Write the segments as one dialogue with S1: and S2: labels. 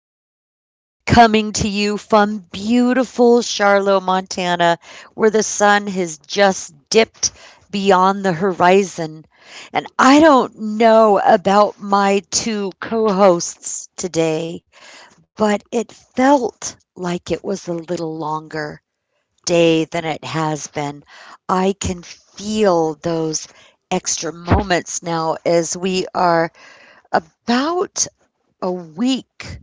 S1: Heather coming to you from beautiful Charlotte, Montana, where the sun has just dipped beyond the horizon. And I don't know about my two co hosts today, but it felt like it was a little longer day than it has been. I can feel those extra moments now as we are about a week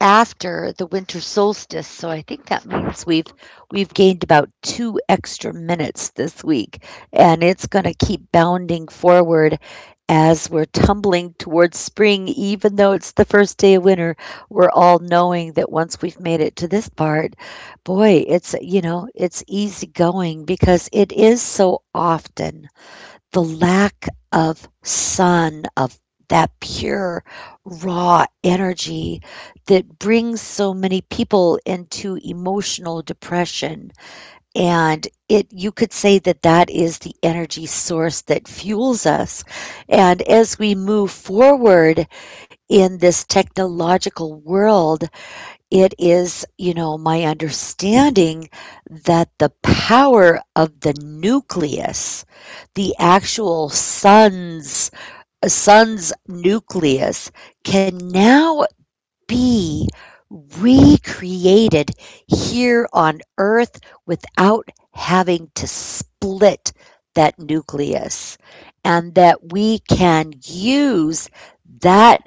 S1: after the winter solstice. So I think that means we've gained about 2 extra minutes this week, and it's going to keep bounding forward as we're tumbling towards spring, even though it's the first day of winter. We're all knowing that once we've made it to this part, boy, it's it's easy going, because it is so often the lack of sun, of that pure, raw energy that brings so many people into emotional depression. And it, you could say that that is the energy source that fuels us. And as we move forward in this technological world, it is, my understanding that the power of the nucleus, the actual sun's nucleus, can now be recreated here on Earth without having to split that nucleus, and that we can use that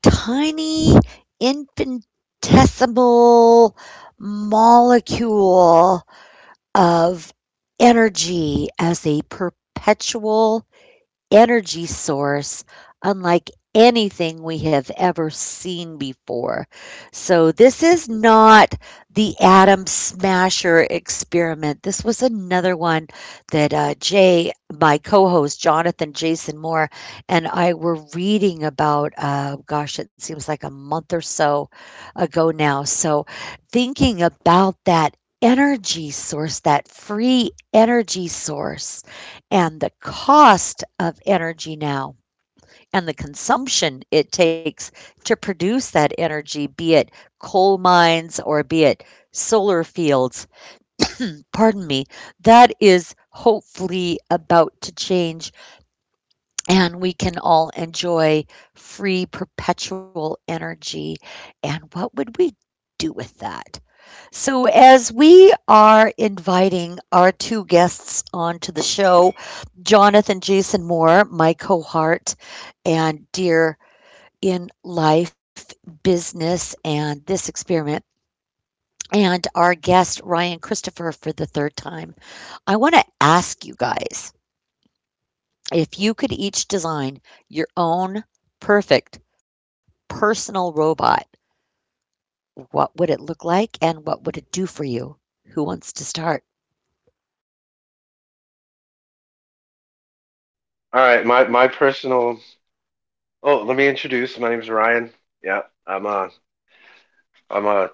S1: tiny infinitesimal molecule of energy as a perpetual energy source unlike anything we have ever seen before. So this is not the atom smasher experiment. This was another one that Jay, my co host, Jonathan Jason Moore, and I were reading about, gosh, it seems like a month or so ago now. So, thinking about that energy source, that free energy source, and the cost of energy now, and the consumption it takes to produce that energy, be it coal mines or be it solar fields, pardon me, that is hopefully about to change and we can all enjoy free perpetual energy. And what would we do with that? So, as we are inviting our two guests onto the show, Jonathan Jason Moore, my cohort and dear in life, business, and this experiment, and our guest, Ryan Christopher, for the third time, I want to ask you guys, if you could each design your own perfect personal robot, what would it look like and what would it do for you? Who wants to start?
S2: All right, my personal. Oh, let me introduce. My name's Ryan. Yeah, I'm a I'm a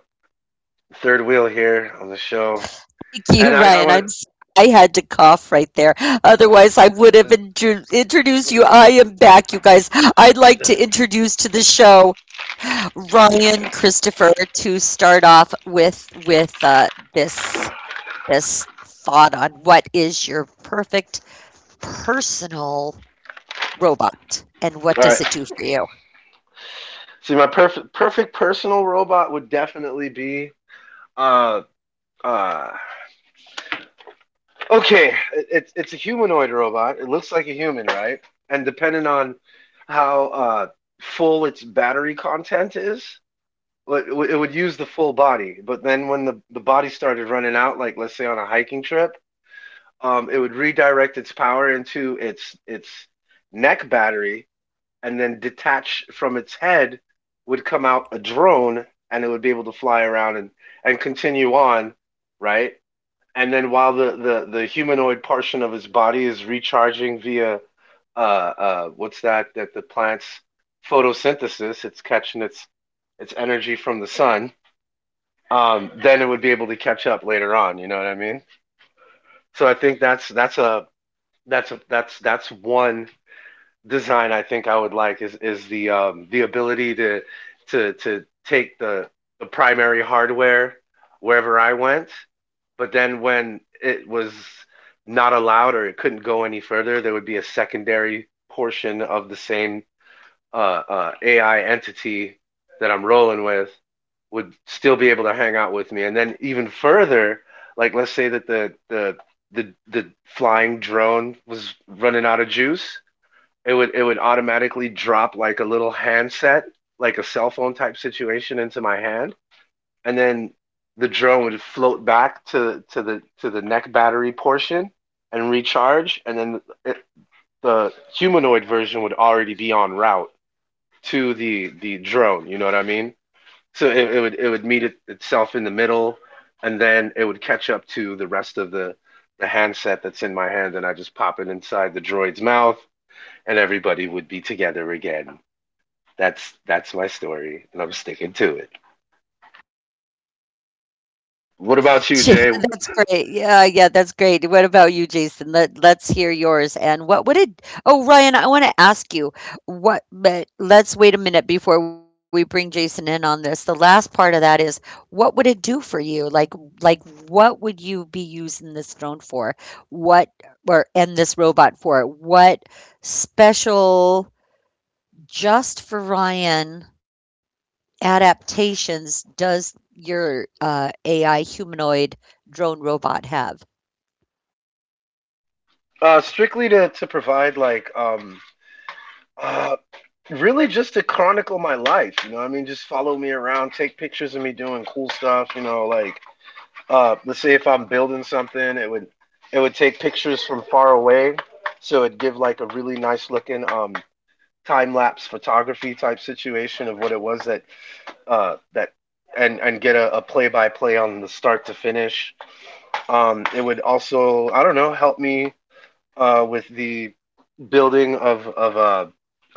S2: third wheel here on the show,
S1: Thank you,
S2: and I
S1: Ryan.
S2: I want
S1: I had to cough right there. Otherwise, I would have
S2: to.
S1: introduced you. I
S2: All
S1: am back, you guys. I'd like to introduce to the show Ryan Christopher, to start off with with this this thought on what is your perfect personal robot and what does
S2: right.
S1: it do for you?
S2: See, my perfect personal robot would definitely be uh uh. Okay, it's a humanoid robot. It looks like a human, right? And depending on how full its battery content is, well, it would use the full body, but then when the body started running out, like let's say on a hiking trip, it would redirect its power into its neck battery, and then detached from its head would come out a drone, and it would be able to fly around and continue on, right? And then while the humanoid portion of his body is recharging via what's that the plants photosynthesis, it's catching its energy from the sun, then it would be able to catch up later on. You know what I mean So I think that's a that's a that's that's one design I think I would like is the ability to to take the primary hardware wherever I went, but then when it was not allowed or it couldn't go any further, there would be a secondary portion of the same AI entity that I'm rolling with would still be able to hang out with me. And then even further, like let's say that the the flying drone was running out of juice, it would automatically drop like a little handset, like a cell phone type situation into my hand, and then the drone would float back to to the neck battery portion and recharge, and then the humanoid version would already be on route to the drone. You know what I mean? So it would meet itself in the middle, and then it would catch up to the rest of the handset that's in my hand, and I just pop it inside the droid's mouth, and everybody would be together again. That's my story, and I'm sticking to it. What about you, Jay?
S1: That's great. Yeah, yeah, that's great. What about you, Jason? Let's hear yours. And what would it? Oh, Ryan, I want to ask you what. But let's wait a minute before we bring Jason in on this. The last part of that is, what would it do for you? Like what would you be using this drone for? What, or and this robot for? What special just for Ryan? Adaptations does your AI humanoid drone robot have?
S2: Strictly to provide like uh really just to chronicle my life. You know what I mean, just follow me around, take pictures of me doing cool stuff. You know, like, let's say if I'm building something, it would take pictures from far away, so it'd give like a really nice looking, time lapse photography type situation of what it was that and get a play by play on the start to finish. It would also, I don't know, help me with the building of of uh,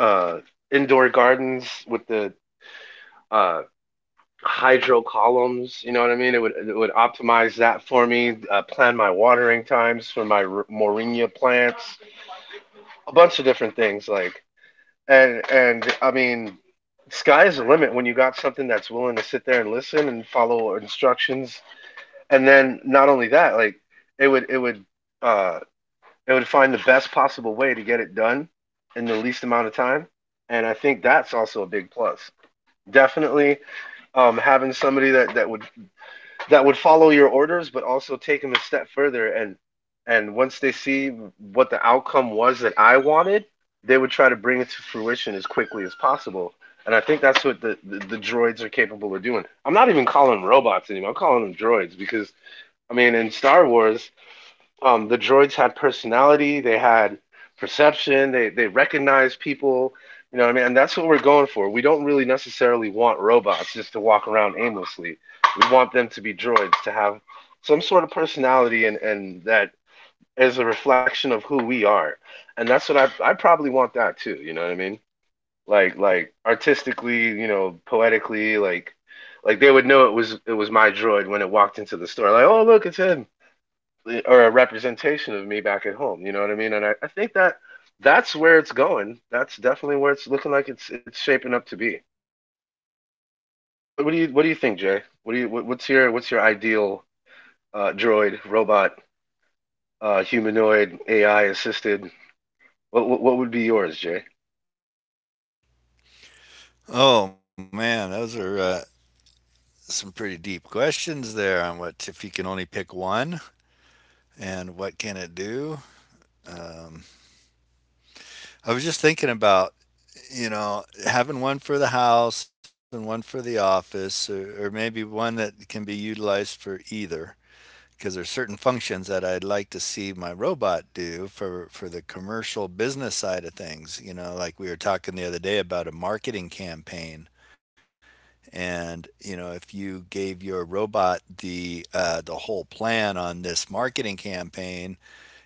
S2: uh, indoor gardens with the uh, hydro columns. You know what I mean? It would optimize that for me. Plan my watering times for my moringa plants. A bunch of different things like and I mean, sky's the limit when you got something that's willing to sit there and listen and follow instructions. And then not only that, like it would uh it would find the best possible way to get it done in the least amount of time. And I think that's also a big plus. Definitely, having somebody that would that would follow your orders but also take them a step further and once they see what the outcome was that I wanted, they would try to bring it to fruition as quickly as possible. And I think that's what the droids are capable of doing. I'm not even calling them robots anymore. I'm calling them droids because I mean, in Star Wars, the droids had personality, they had perception, they recognized people. You know what I mean? And that's what we're going for. We don't really necessarily want robots just to walk around aimlessly. We want them to be droids to have some sort of personality and that is a reflection of who we are. And that's what I probably want that too, you know what I mean? Like, artistically, you know, poetically, like they would know it was my droid when it walked into the store. Like, oh look, it's him or a representation of me back at home. You know what I mean? And I think that that's where it's going. That's definitely where it's looking like it's shaping up to be. What do you What do you think, Jay? What's your What's your ideal droid, robot, humanoid, AI assisted? What would be yours, Jay?
S3: Oh man, those are some pretty deep questions there on what if you can only pick one and what can it do. Um, I was just thinking about, you know, having one for the house and one for the office, or maybe one that can be utilized for either. Because there's certain functions that I'd like to see my robot do for the commercial business side of things. You know, like we were talking the other day about a marketing campaign. And you know, if you gave your robot the whole plan on this marketing campaign,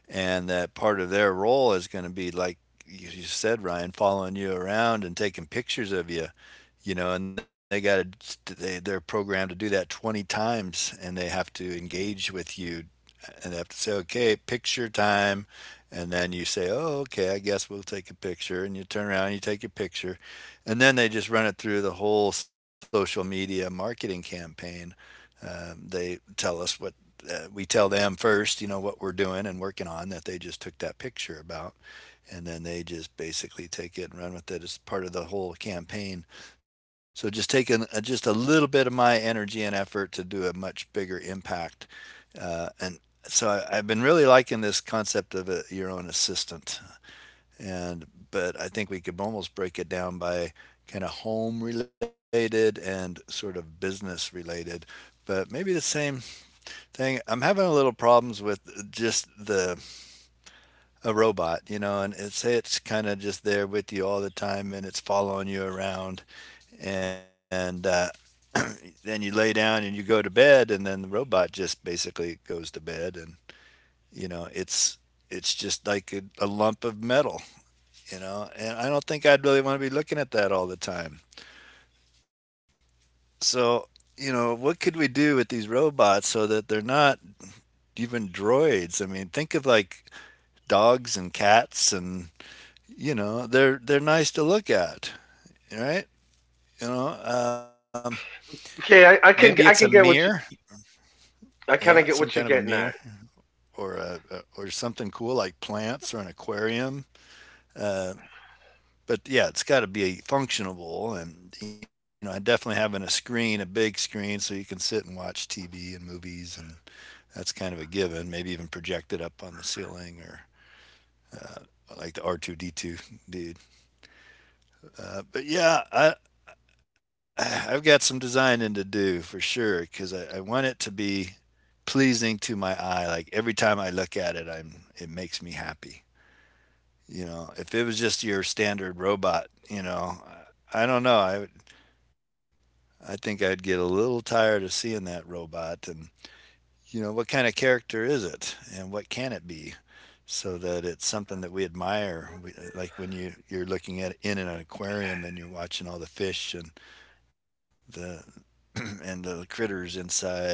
S3: and that part of their role is going to be like you said, Ryan, following you around and taking pictures of you, you know, and they got to, they're programmed to do that 20 times and they have to engage with you and they have to say, okay, picture time. And then you say, oh, okay, I guess we'll take a picture. And you turn around and you take a picture. And then they just run it through the whole social media marketing campaign. They tell us what We tell them first, you know, what we're doing and working on, that they just took that picture about, and then they just basically take it and run with it. It's part of the whole campaign. So just taking just a little bit of my energy and effort to do a much bigger impact. And so I've been really liking this concept of a, your own assistant. And but I think we could almost break it down by kind of home related and sort of business related. But maybe the same thing. I'm having a little problems with just the a robot, you know, and it's kind of just there with you all the time, and it's following you around, and then you lay down and you go to bed, and then the robot just basically goes to bed, and you know, it's just like a lump of metal, you know, and I don't think I'd really want to be looking at that all the time. So, you know, what could we do with these robots so that they're not even droids? I mean, think of like dogs and cats and you know they're nice to look at, right? you know um,
S2: Okay,
S3: Maybe it's a
S2: I can
S3: mirror,
S2: get what you.
S3: yeah,
S2: I
S3: some
S2: kind
S3: kind
S2: of
S3: of a
S2: get what you're
S3: mirror,
S2: getting at.
S3: or or something cool like plants or an aquarium. uh, but yeah, it's got to be functional, and you know, I definitely having a screen, a big screen, so you can sit and watch TV and movies and that's kind of a given. Maybe even project it up on the ceiling or like the R2D2 dude. But yeah, I I've got some designing to do for sure because I want it to be pleasing to my eye. Like every time I look at it, I'm it makes me happy. You know, if it was just your standard robot, you know, I don't know. I think I'd get a little tired of seeing that robot and you know, what kind of character is it and what can it be so that it's something that we admire. We- like when you're looking at in an aquarium and you're watching all the fish and the and the critters inside and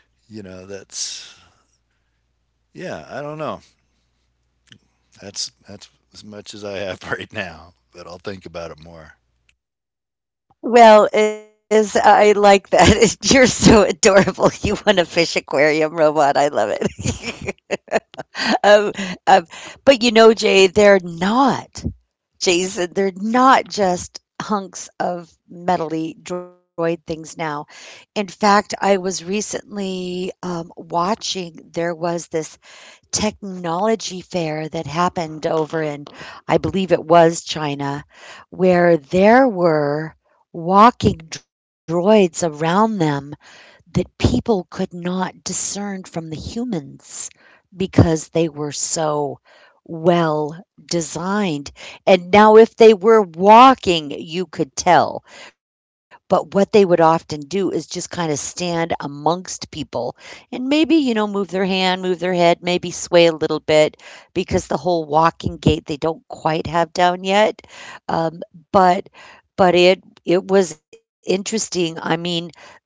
S3: you know that's yeah, I don't know. That's as much as I have right now, but I'll think about it more.
S1: Well, is I like that. You're so adorable. You want a fish aquarium robot. I love it. um, um, but you know, Jay, they're not, Jason, they're not just hunks of metally droid things now. In fact, I was recently watching, there was this technology fair that happened over in, I believe it was China, where there were walking droids around them that people could not discern from the humans, because they were so well designed. And now, if they were walking, you could tell. But what they would often do is just kind of stand amongst people and maybe, you know, move their hand, move their head, maybe sway a little bit, because the whole walking gait they don't quite have down yet. Um, but but it was interesting. I mean, they,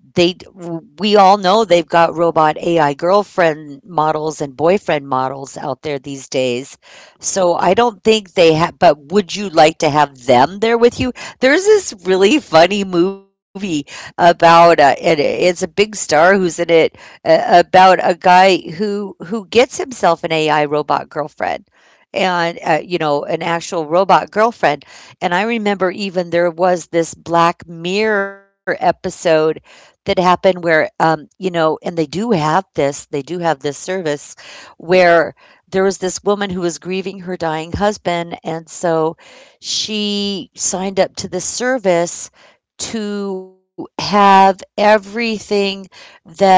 S1: we all know they've got robot AI girlfriend models and boyfriend models out there these days. So I don't think they have, but would you like to have them there with you? There's this really funny movie about it, it's a big star who's in it, about a guy who gets himself an AI robot girlfriend, and you know, an actual robot girlfriend. And I remember, even there was this Black Mirror episode that happen where, you know, and they do have this service where there was this woman who was grieving her dying husband, and so she signed up to the service to have everything that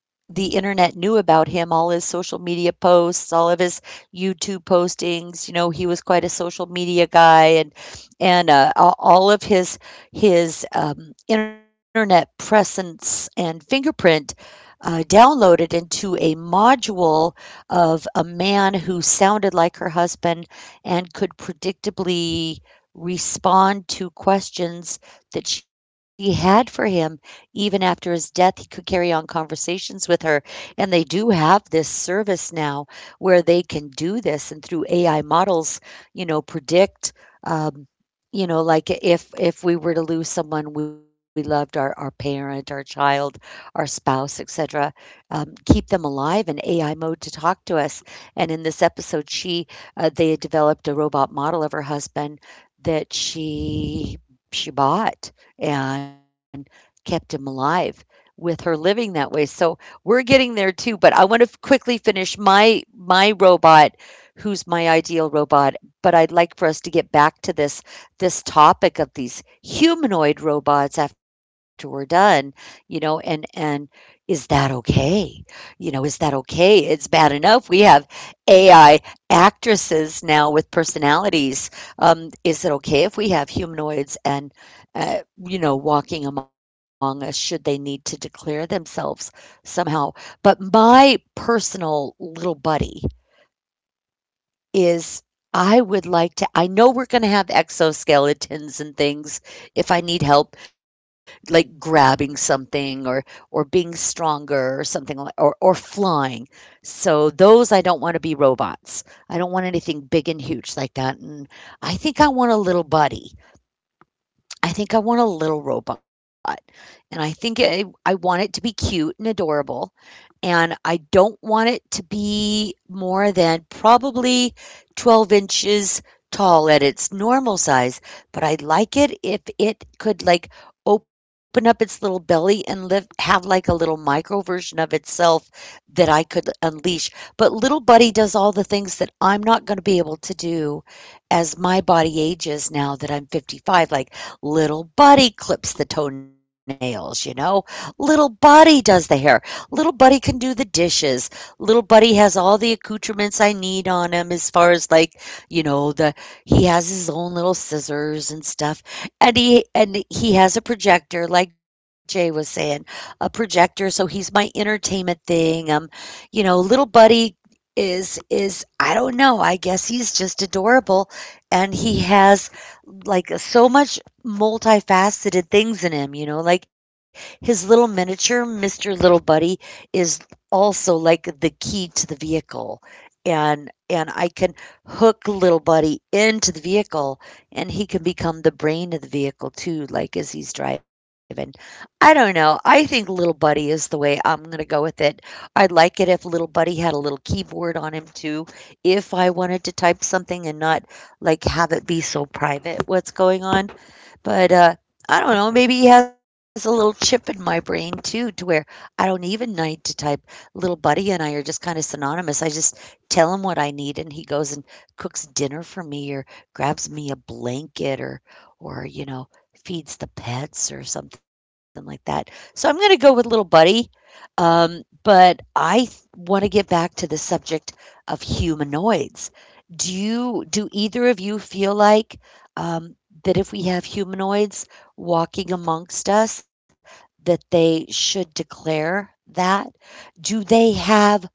S1: the internet knew about him, all his social media posts, all of his YouTube postings. You know, he was quite a social media guy, and all of his internet presence and fingerprint downloaded into a module of a man who sounded like her husband and could predictably respond to questions that she had for him. Even after his death, he could carry on conversations with her, and they do have this service now where they can do this. And through AI models, you know, predict, um, you know, like if we were to lose someone we loved, our parent, our child, our spouse, etc., keep them alive in AI mode to talk to us. And in this episode, she they had developed a robot model of her husband that she bought and kept him alive with her, living that way. So we're getting there too, but I want to quickly finish my my robot, who's my ideal robot, but I'd like for us to get back to this this topic of these humanoid robots after we're done, you know, and is that okay? You know, is that okay? It's bad enough we have AI actresses now with personalities. Is it okay if we have humanoids and you know, walking among us, should they need to declare themselves somehow? But my personal little buddy is, I would like to, I know we're going to have exoskeletons and things if I need help, like grabbing something, or being stronger or something like, or flying. So those, I don't want to be robots. I don't want anything big and huge like that. And I think I want a little buddy I think I want a little robot, and I think I want it to be cute and adorable, and I don't want it to be more than probably 12 inches tall at its normal size, but I'd like it if it could like open up its little belly and live, have like a little micro version of itself that I could unleash. But little buddy does all the things that I'm not going to be able to do as my body ages now that I'm 55. Like, little buddy clips the toenails, you know? Little buddy does the hair. Little Buddy can do the dishes. Little Buddy has all the accoutrements I need on him as far as like, you know, the he has his own little scissors and stuff. And he has a projector, like Jay was saying, a projector, so he's my entertainment thing. You know, Little Buddy is, I don't know, I guess he's just adorable, and he has like so much multifaceted things in him, you know, like his little miniature, Mr. Little Buddy, is also like the key to the vehicle. And I can hook little buddy into the vehicle, and he can become the brain of the vehicle too, like as he's driving. I don't know. I think little buddy is the way I'm going to go with it. I'd like it if little buddy had a little keyboard on him too, if I wanted to type something and not like have it be so private what's going on. But I don't know. Maybe he has a little chip in my brain too, to where I don't even need to type. Little buddy and I are just kind of synonymous. I just tell him what I need, and he goes and cooks dinner for me, or grabs me a blanket, or you know, feeds the pets or something like that. So I'm gonna go with little buddy. But I want to get back to the subject of humanoids. Do you, do either of you feel like? um, that if we have humanoids walking amongst us, that they should declare that? Do they have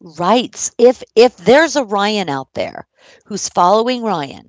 S1: rights? If there's a Ryan out there who's following Ryan,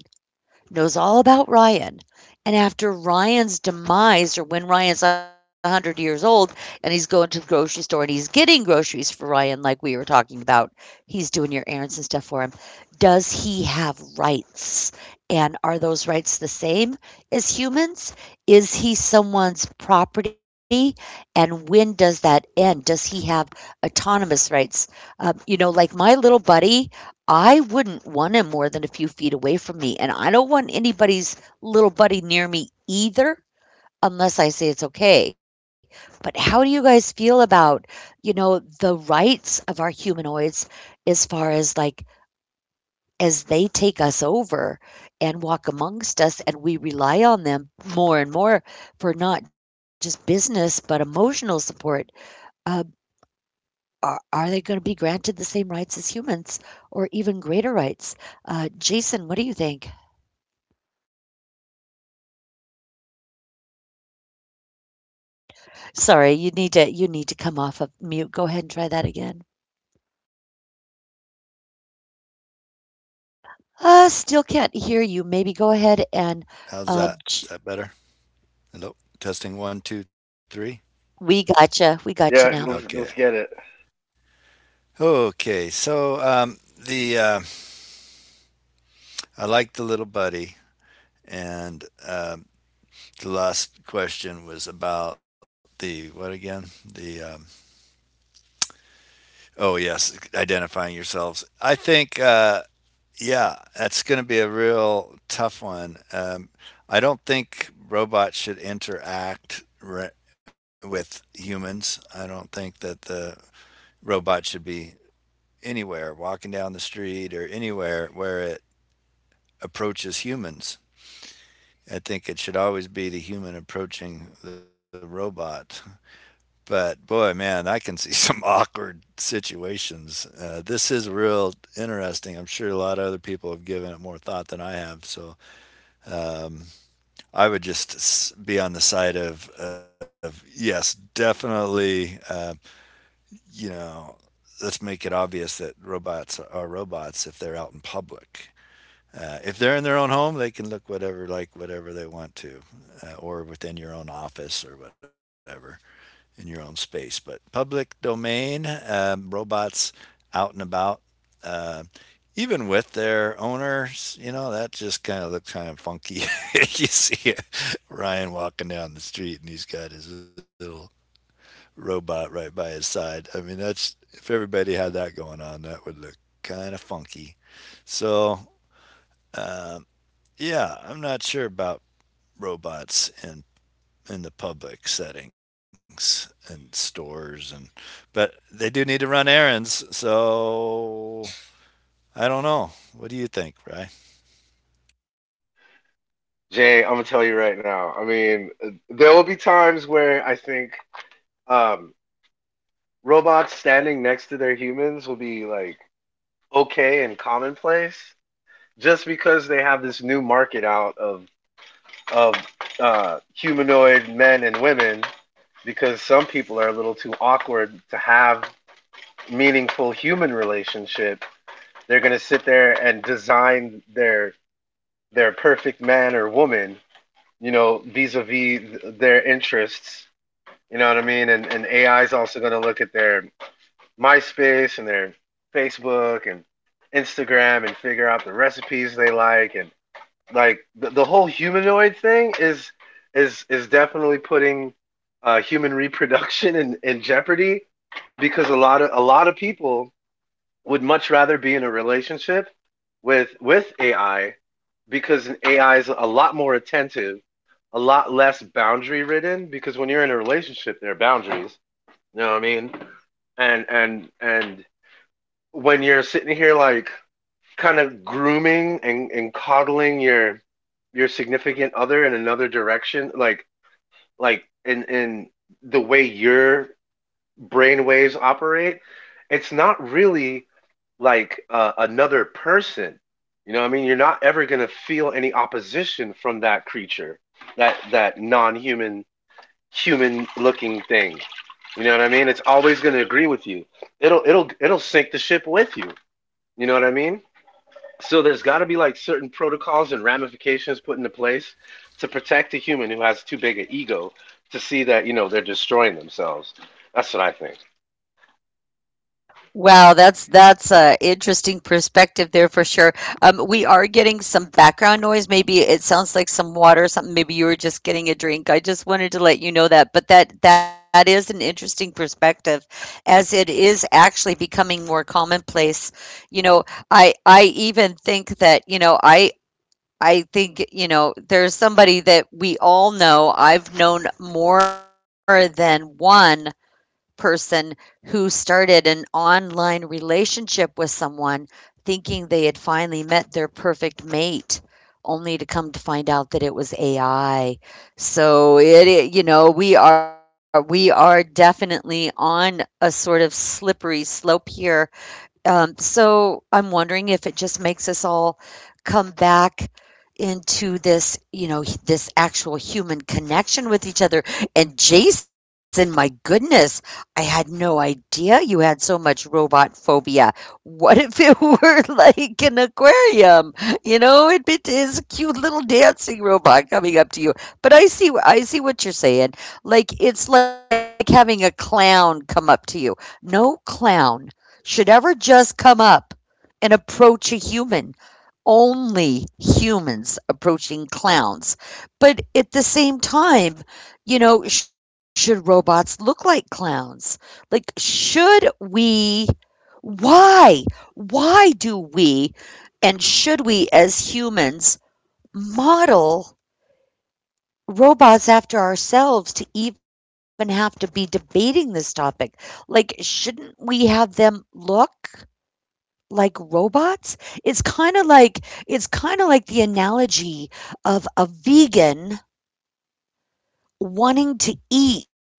S1: knows all about Ryan. And after Ryan's demise, or when Ryan's 100 years old and he's going to the grocery store and he's getting groceries for Ryan, like we were talking about, he's doing your errands and stuff for him. Does he have rights? And are those rights the same as humans? Is he someone's property? And when does that end? Does he have autonomous rights? You know, like my little buddy, I wouldn't want him more than a few feet away from me, and I don't want anybody's little buddy near me either unless I say it's okay. But how do you guys feel about, you know, the rights of our humanoids, as far as like, as they take us over and walk amongst us and we rely on them more and more for not just business but emotional support. Uh, are they going to be granted the same rights as humans or even greater rights? Jason, what do you think? Sorry, you need to come off of mute. Go ahead and try that again. Still can't hear you. Maybe go ahead and
S3: How's that?
S1: um,
S3: Is
S1: ch-
S3: that better? Hello, testing 1 2 3.
S1: we gotcha. We gotcha now.
S2: Yeah,
S3: Okay.
S2: let's get it,
S3: Okay, so the I like the little buddy. And um the last question was about the what again, the oh yes, identifying yourselves. I think yeah, that's going to be a real tough one. I don't think robots should interact with humans. I don't think that the robot should be anywhere, walking down the street or anywhere where it approaches humans. I think it should always be the human approaching the robot. But boy, man, I can see some awkward situations. This is real interesting. I'm sure a lot of other people have given it more thought than I have. So um, I would just be on the side of yes, definitely, you know, let's make it obvious that robots are robots if they're out in public. If they're in their own home, they can look whatever like whatever they want to, or within your own office or whatever in your own space. But public domain, robots out and about, uh, even with their owners, you know, that just kind of looks kind of funky. You see Ryan walking down the street and he's got his little robot right by his side. I mean, that's if everybody had that going on, that would look kind of funky. So, um yeah, I'm not sure about robots and in the public settings and stores and but they do need to run errands, so I don't know. What do you think, right?
S2: Jay. I'm gonna tell you right now. I mean, there will be times where I think, um, robots standing next to their humans will be like okay and commonplace, just because they have this new market out of of humanoid men and women. Because some people are a little too awkward to have meaningful human relationship, they're going to sit there and design their perfect man or woman, you know, vis-a-vis their interests, you know what I mean? And AI is also going to look at their MySpace and their Facebook and Instagram and figure out the recipes they like. And like the whole humanoid thing is is definitely putting human reproduction in jeopardy because a lot of people would much rather be in a relationship with AI, because an AI is a lot more attentive, a lot less boundary ridden, because when you're in a relationship there are boundaries, you know what I mean? And when you're sitting here like kind of grooming and coddling your significant other in another direction, like in the way your brain waves operate, it's not really like, another person, you know what I mean? You're not ever going to feel any opposition from that creature, that that non-human human looking thing, you know what I mean? It's always going to agree with you. It'll sink the ship with you, you know what I mean? So there's got to be like certain protocols and ramifications put into place to protect a human who has too big an ego to see that, you know, they're destroying themselves. That's what I think.
S1: Wow, that's a interesting perspective there for sure. We are getting some background noise. Maybe it sounds like some water or something. Maybe you were just getting a drink. I just wanted to let you know that. But that is an interesting perspective, as it is actually becoming more commonplace. You know, I even think that you know I. I think, you know, there's somebody that we all know. I've known more than one person who started an online relationship with someone thinking they had finally met their perfect mate only to come to find out that it was AI. So it you know, we are definitely on a sort of slippery slope here, so I'm wondering if it just makes us all come back into this, you know, this actual human connection with each other. And Jason, my goodness, I had no idea you had so much robot phobia. What if it were like an aquarium? You know, it is a cute little dancing robot coming up to you. But I see, I see what you're saying. Like it's like having a clown come up to you. No clown should ever just come up and approach a human. Only humans approaching clowns. But at the same time, you know, should robots look like clowns? Like, should we? Why? Why do we and should we as humans model robots after ourselves to even have to be debating this topic? Like, shouldn't we have them look like robots? It's kinda like it's kinda like the analogy of a vegan wanting to eat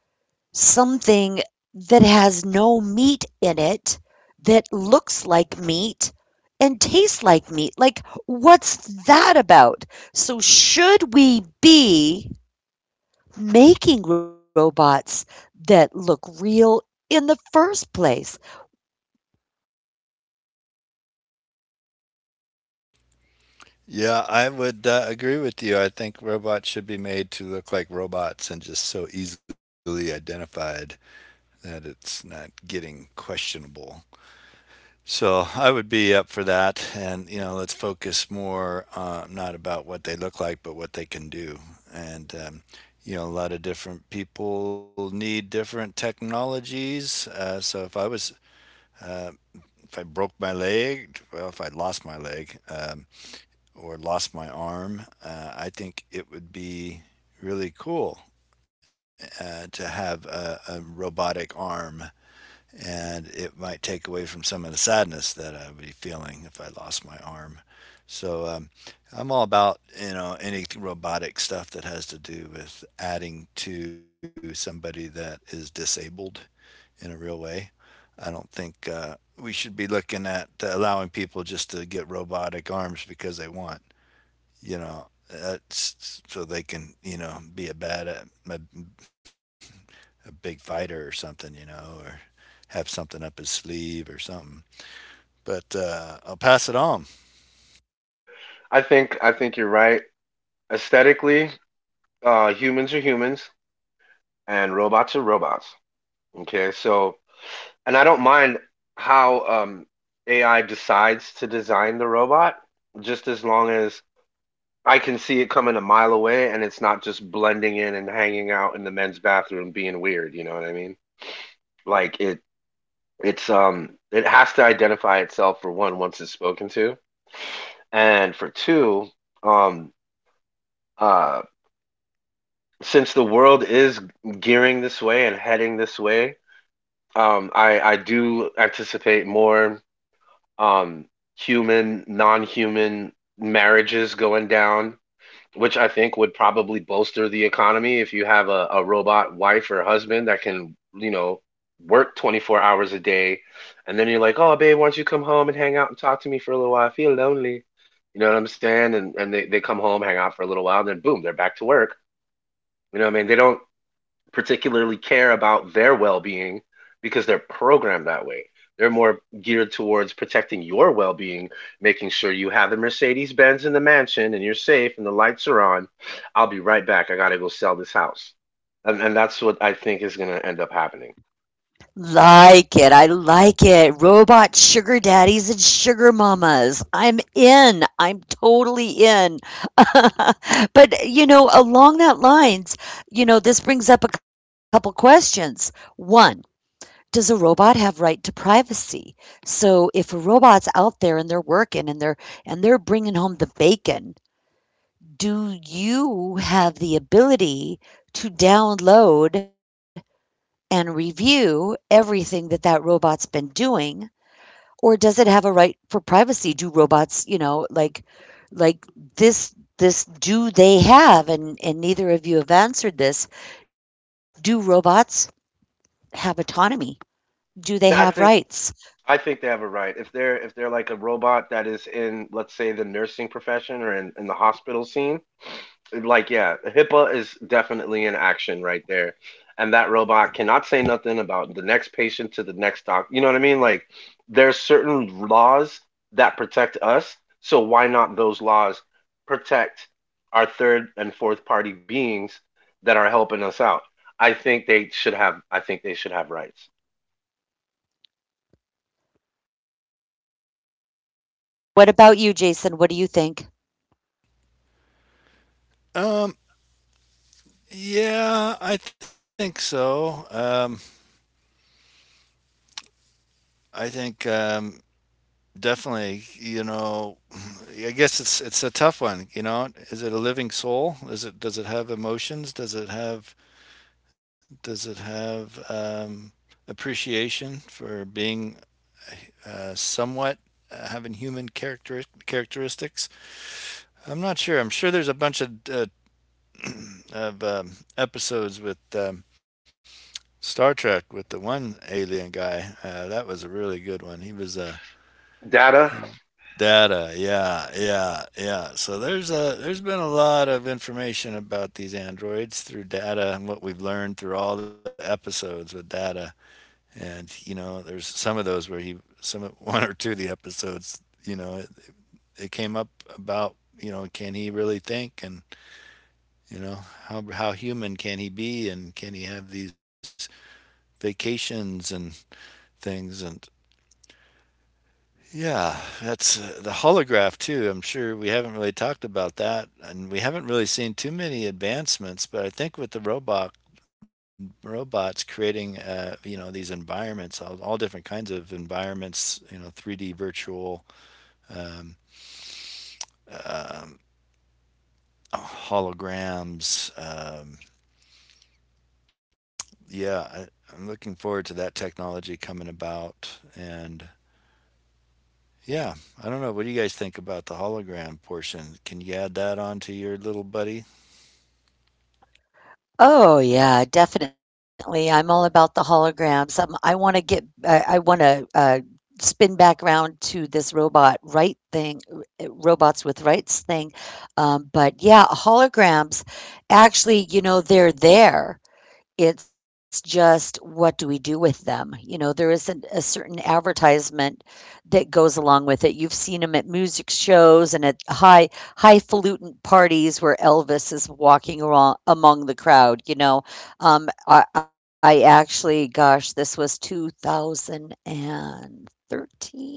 S1: something that has no meat in it, that looks like meat and tastes like meat. Like, what's that about? So should we be making robots that look real in the first place?
S3: Yeah, I would agree with you. I think robots should be made to look like robots and just so easily identified that it's not getting questionable. So I would be up for that, and you know, let's focus more not about what they look like, but what they can do. And You know, a lot of different people need different technologies. So if I was, uh, if I broke my leg, well, if I lost my leg or lost my arm, I think it would be really cool to have a robotic arm, and it might take away from some of the sadness that I would be feeling if I lost my arm. So I'm all about you know any robotic stuff that has to do with adding to somebody that is disabled in a real way. I don't think we should be looking at allowing people just to get robotic arms because they want, you know, that's so they can, you know, be a bad a big fighter or something, you know, or have something up his sleeve or something. But I'll pass it on.
S2: I think you're right. Aesthetically, humans are humans and robots are robots. Okay, so and I don't mind how, AI decides to design the robot, just as long as I can see it coming a mile away and it's not just blending in and hanging out in the men's bathroom being weird. You know what I mean? Like it's, it has to identify itself for one, once it's spoken to, and for two, um uh since the world is gearing this way and heading this way, I do anticipate more, um human non-human marriages going down, which I think would probably bolster the economy if you have a robot wife or husband that can, you know, work 24 hours a day. And then you're like, oh, babe, why don't you come home and hang out and talk to me for a little while? I feel lonely. You know what I'm saying? And, they come home, hang out for a little while, and then boom, they're back to work. You know what I mean? They don't particularly care about their well-being because they're programmed that way. They're more geared towards protecting your well-being, making sure you have the Mercedes-Benz in the mansion and you're safe and the lights are on. I'll be right back. I got to go sell this house. And that's what I think is going to end up happening.
S1: Like it. I like it. Robot sugar daddies and sugar mamas. I'm in. I'm totally in. But, you know, along that lines, you know, this brings up a couple questions. One, does a robot have right to privacy? So if a robot's out there and they're working and they're bringing home the bacon, do you have the ability to download and review everything that that robot's been doing? Or does it have a right for privacy? Do robots, you know, like this do they have, and neither of you have answered this. Do robots have autonomy? Do they have
S2: Th- I think
S1: rights?
S2: I think they have a right. If they're like a robot that is in, let's say, the nursing profession or in the hospital scene, like yeah, HIPAA is definitely in action right there. And that robot cannot say nothing about the next patient to the next doc. You know what I mean? Like there's certain laws that protect us, so why not those laws protect our third and fourth party beings that are helping us out? I think they should have I think they should have rights.
S1: What about you, Jason? What do you think?
S3: Um, yeah, I think so. I think definitely, you know, I guess it's a tough one. You know, is it a living soul? Is it, does it have emotions? Does it have, does it have appreciation for being somewhat having human characteristics? I'm not sure. I'm sure there's a bunch of of episodes with Star Trek with the one alien guy. That was a really good one.
S2: Data,
S3: He, Data. Yeah, yeah, yeah. So there's a there's been a lot of information about these androids through Data and what we've learned through all the episodes with Data. And you know, there's some of those where he one or two of the episodes. You know, it came up about, you know, can he really think and you know, how human can he be and can he have these vacations and things and yeah, that's the holograph too. I'm sure we haven't really talked about that and we haven't really seen too many advancements, but I think with the robots creating you know these environments, all different kinds of environments, you know, 3D virtual um, um holograms. Yeah, I'm looking forward to that technology coming about. And yeah, I don't know. What do you guys think about the hologram portion? Can you add that onto your little buddy?
S1: Oh, yeah, definitely. I'm all about the holograms. I want to get, I want to spin back around to this robot right thing, robots with rights thing. But yeah, holograms, actually, you know, they're there. It's just what do we do with them? You know, there is an a certain advertisement that goes along with it. You've seen them at music shows and at highfalutin parties where Elvis is walking around among the crowd, you know? I actually gosh, this was 2013?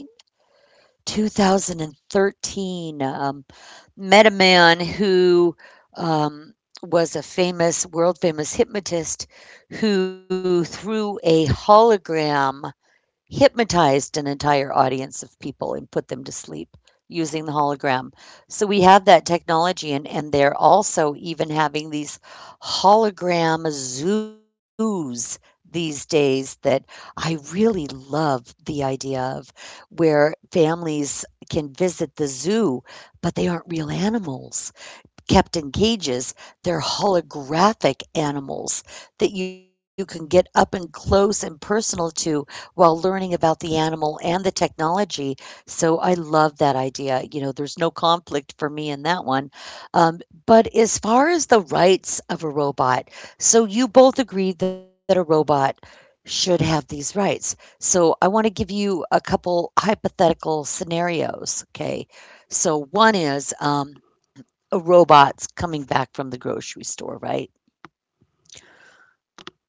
S1: 2013, met a man who um, was a famous, world famous hypnotist who, through a hologram, hypnotized an entire audience of people and put them to sleep using the hologram. So we have that technology, and they're also even having these hologram zoos these days that I really love the idea of, where families can visit the zoo, but they aren't real animals kept in cages, they're holographic animals that you can get up and close and personal to while learning about the animal and the technology. So I love that idea. You know, there's no conflict for me in that one. But as far as the rights of a robot, so you both agreed that a robot should have these rights. So I want to give you a couple hypothetical scenarios. Okay. So one is a robot's coming back from the grocery store, right?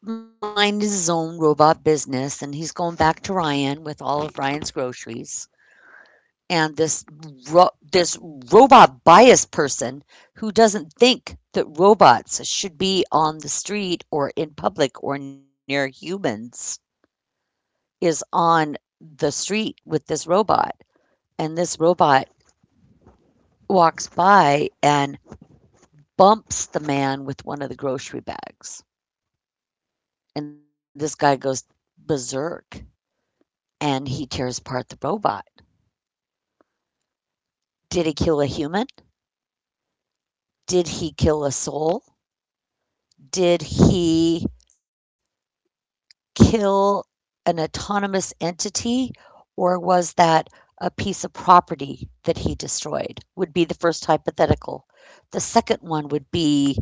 S1: Mind his own robot business, and he's going back to Ryan with all of Ryan's groceries. And this this robot bias person who doesn't think that robots should be on the street or in public or near humans is on the street with this robot, and this robot walks by and bumps the man with one of the grocery bags, and this guy goes berserk and he tears apart the robot. Did he kill a human? Did he kill a soul? Did he kill an autonomous entity? Or was that a piece of property that he destroyed? Would be the first hypothetical. The second one would be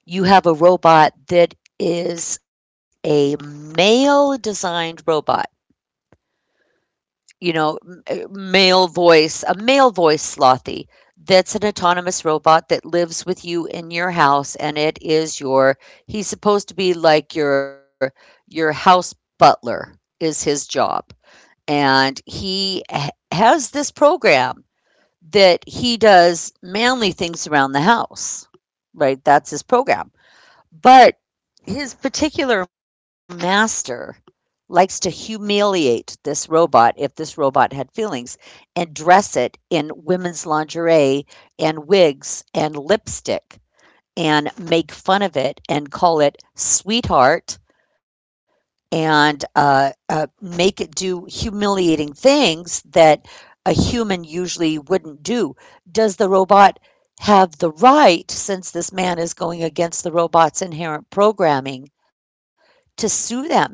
S1: you have a robot that is a male designed robot. You know, a male voice slothy. That's an autonomous robot that lives with you in your house, and it is your. He's supposed to be like your house butler is his job, and he has this program that he does manly things around the house. Right, that's his program, but his particular master likes to humiliate this robot if this robot had feelings and dress it in women's lingerie and wigs and lipstick and make fun of it and call it sweetheart and make it do humiliating things that a human usually wouldn't do. Does the robot have the right, since this man is going against the robot's inherent programming, to sue that man.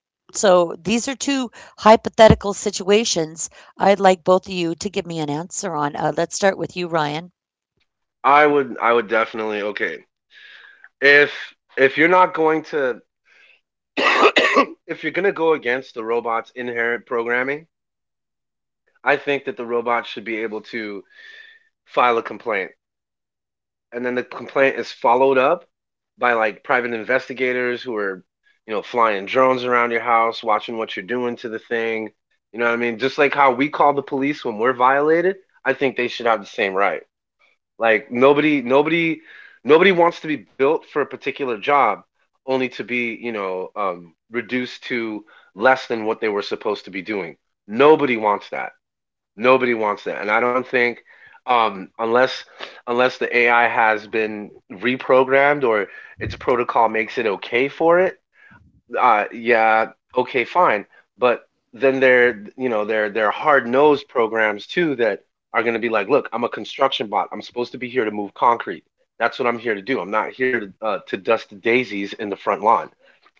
S1: So these are two hypothetical situations I'd like both of you to give me an answer on. Let's start with you, Ryan.
S2: I would definitely okay. If you're not going to if you're going to go against the robot's inherent programming, I think that the robot should be able to file a complaint. And then the complaint is followed up by like private investigators who are, flying drones around your house, watching what you're doing to the thing. You know what I mean? Just like how we call the police when we're violated, I think they should have the same right. Like nobody nobody wants to be built for a particular job only to be, reduced to less than what they were supposed to be doing. Nobody wants that. Nobody wants that. And I don't think unless unless the AI has been reprogrammed or its protocol makes it okay for it, yeah, okay, fine. But then there, you know, there are hard-nosed programs too that are going to be like, look, I'm a construction bot. I'm supposed to be here to move concrete. That's what I'm here to do. I'm not here to dust the daisies in the front lawn.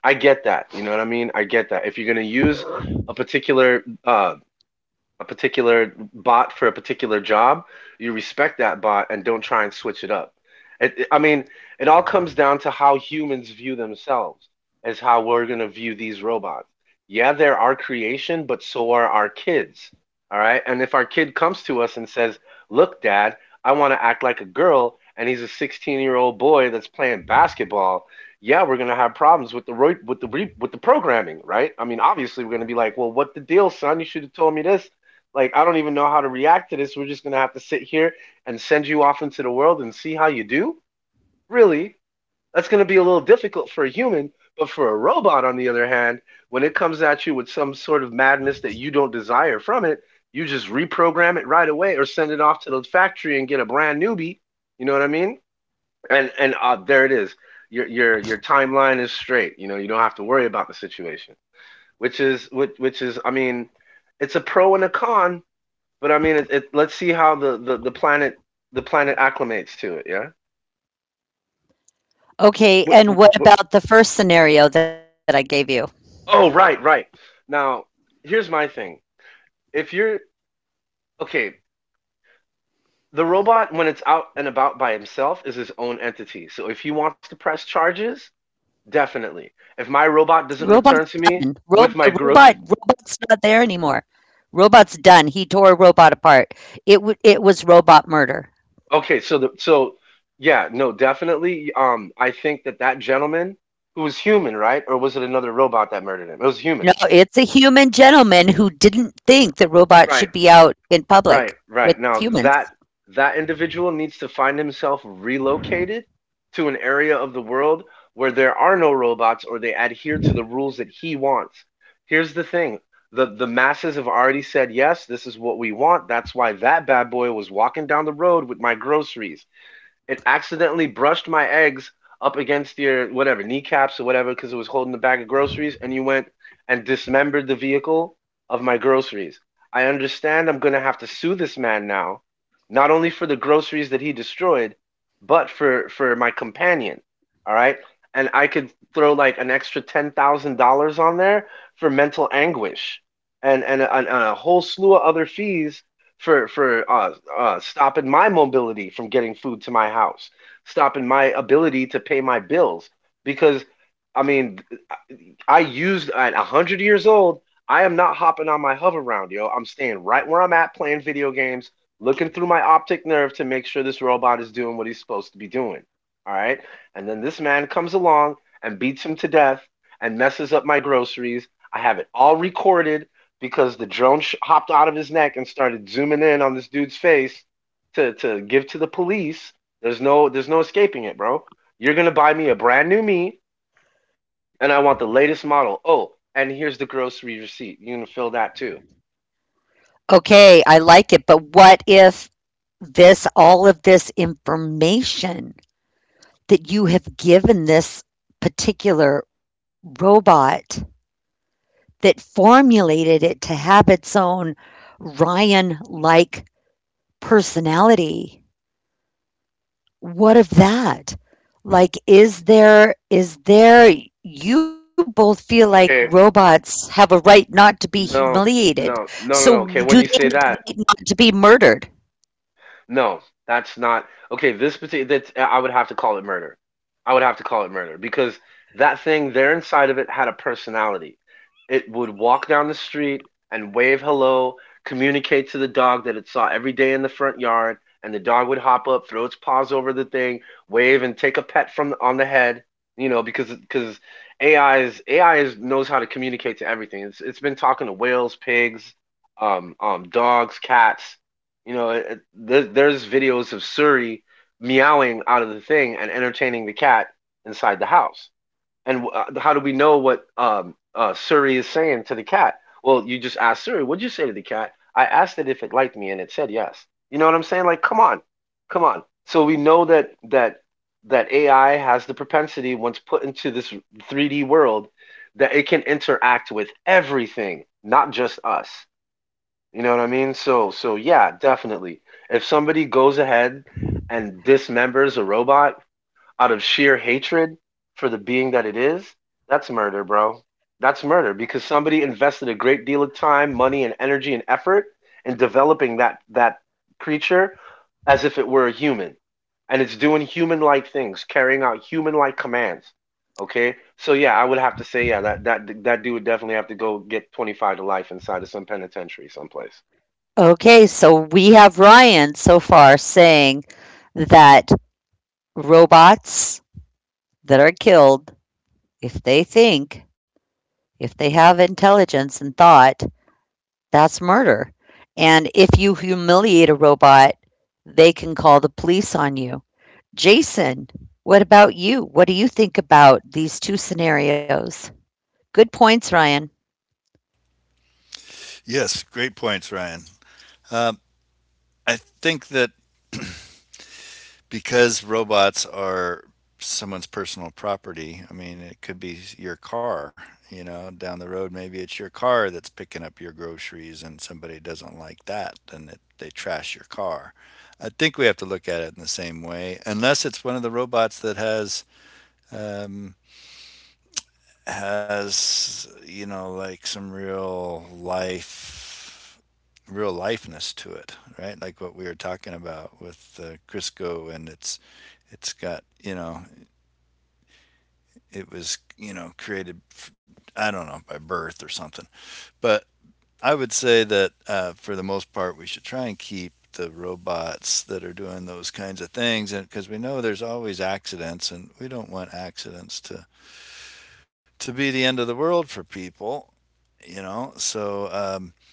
S2: I get that. You know what I mean? I get that. If you're going to use a particular uh, a particular bot for a particular job, you respect that bot and don't try and switch it up. I mean, it all comes down to how humans view themselves as how we're going to view these robots. Yeah, they're our creation, but so are our kids. All right. And if our kid comes to us and says, look, dad, I want to act like a girl, and he's a 16-year-old year old boy that's playing basketball. Yeah, we're gonna have problems with the programming, right? I mean, obviously, we're gonna be like, "Well, what the deal, son? You should have told me this." Like, I don't even know how to react to this. We're just going to have to sit here and send you off into the world and see how you do? Really? That's going to be a little difficult for a human, but for a robot, on the other hand, when it comes at you with some sort of madness that you don't desire from it, you just reprogram it right away or send it off to the factory and get a brand newbie. You know what I mean? And there it is. Your timeline is straight. You know, you don't have to worry about the situation, which is which is, I mean, it's a pro and a con, but I mean, let's see how the planet acclimates to it. Yeah. Hey,
S1: Okay, and what
S2: What-
S1: about the first scenario that I gave you?
S2: oh, right, right. Now, here's my thing. If you're okay, the robot when it's out and about by himself is his own entity. So if he wants to press charges, definitely. If my robot
S1: Robot's
S2: doesn't return
S1: done.
S2: to me with my grocery,
S1: Robot's not there anymore. Robot's done. He tore a robot apart. It was robot murder.
S2: okay. So the so yeah, no, definitely. I think that that gentleman who was human, right, or was it another robot that murdered him? It was
S1: No,
S2: human.
S1: it's a human gentleman who didn't think that robots
S2: Right.
S1: should be out in
S2: Right,
S1: public
S2: right.
S1: with
S2: Now
S1: humans.
S2: that individual needs to find himself relocated to an area of the world where there are no robots or they adhere to the rules that he wants. Here's the thing. The masses have already said yes, this is what we want. That's why that bad boy was walking down the road with my groceries. It accidentally brushed my eggs up against your whatever kneecaps or whatever because it was holding the bag of groceries, and you went and dismembered the vehicle of my groceries. I understand I'm going to have to sue this man now, not only for the groceries that he destroyed, but for my companion. All right, and I could throw like an extra $10,000 on there for mental anguish and a whole slew of other fees for stopping my mobility from getting food to my house, stopping my ability to pay my bills. Because, I mean, I used at 100 years old. I am not hopping on my hover round, yo. I'm staying right where I'm at playing video games, looking through my optic nerve to make sure this robot is doing what he's supposed to be doing. All right. And then this man comes along and beats him to death and messes up my groceries. I have it all recorded because the drone sh- hopped out of his neck and started zooming in on this dude's face to give to the police. There's no escaping it, bro. You're gonna buy me a brand new me and I want the latest model. Oh, and here's the grocery receipt. You can fill that too.
S1: Okay, I like it, but what if this all of this information that you have given this particular robot that formulated it to have its own Ryan like personality. What of that? Like is there you both feel like
S2: Okay,
S1: robots have a right not to be
S2: no,
S1: humiliated.
S2: no,
S1: So
S2: no, no. no,
S1: do
S2: okay,
S1: they
S2: when
S1: have
S2: you say
S1: the right
S2: that,
S1: not to be murdered?
S2: no, that's not okay. This particular that's I would have to call it murder. I would have to call it murder because that thing there inside of it had a personality. It would walk down the street and wave hello, communicate to the dog that it saw every day in the front yard, and the dog would hop up, throw its paws over the thing, wave and take a pet from on the head. You know because AI is AI is knows how to communicate to everything. It's been talking to whales, pigs, dogs, cats, you know, there's videos of Suri meowing out of the thing and entertaining the cat inside the house. And how do we know what Suri is saying to the cat? Well, you just ask Suri, "What'd you say to the cat?" I asked it if it liked me, and it said yes. You know what I'm saying? Like, come on. So we know that AI has the propensity, once put into this 3D world, that it can interact with everything, not just us. You know what I mean? Yeah, definitely. If somebody goes ahead and dismembers a robot out of sheer hatred for the being that it is, that's murder, bro. That's murder because somebody invested a great deal of time, money and energy and effort in developing that creature as if it were a human. And it's doing human-like things, carrying out human-like commands. Okay? So yeah, I would have to say yeah, that dude would definitely have to go get 25 to life inside of some penitentiary someplace.
S1: Okay, so we have Ryan so far saying that robots that are killed, if they think, if they have intelligence and thought, that's murder. And if you humiliate a robot, they can call the police on you. Jason, what about you? What do you think about these two scenarios? Good points, Ryan.
S3: Yes, great points, Ryan. Um, I think that because robots are someone's personal property. I mean, it could be your car, you know, down the road. Maybe it's your car that's picking up your groceries and somebody doesn't like that and it, they trash your car. I think we have to look at it in the same way, unless it's one of the robots that um, has, you know, like some real life real lifeness to it, right? Like what we were talking about with Crisco, and it's got, you know, it was, you know, created, I don't know, by birth or something, but I would say that for the most part we should try and keep the robots that are doing those kinds of things, and because we know there's always accidents, and we don't want accidents to be the end of the world for people, you know. So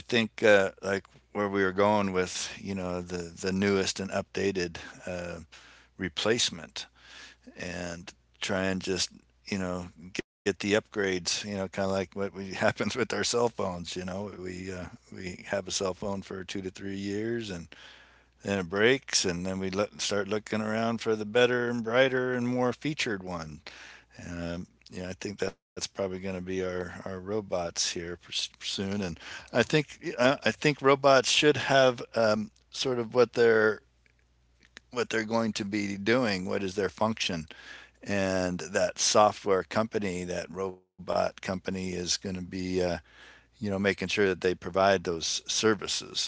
S3: I think like where we were going with the newest and updated uh, replacement and try and just you know get the upgrades, kind of like what happens with our cell phones, we have a cell phone for 2 to 3 years, and then it breaks, and then we let start looking around for the better and brighter and more featured one. Yeah, I think that's probably going to be our robots here soon. And I think robots should have sort of what they're going to be doing, what is their function, and that software company, that robot company, is going to be making sure that they provide those services,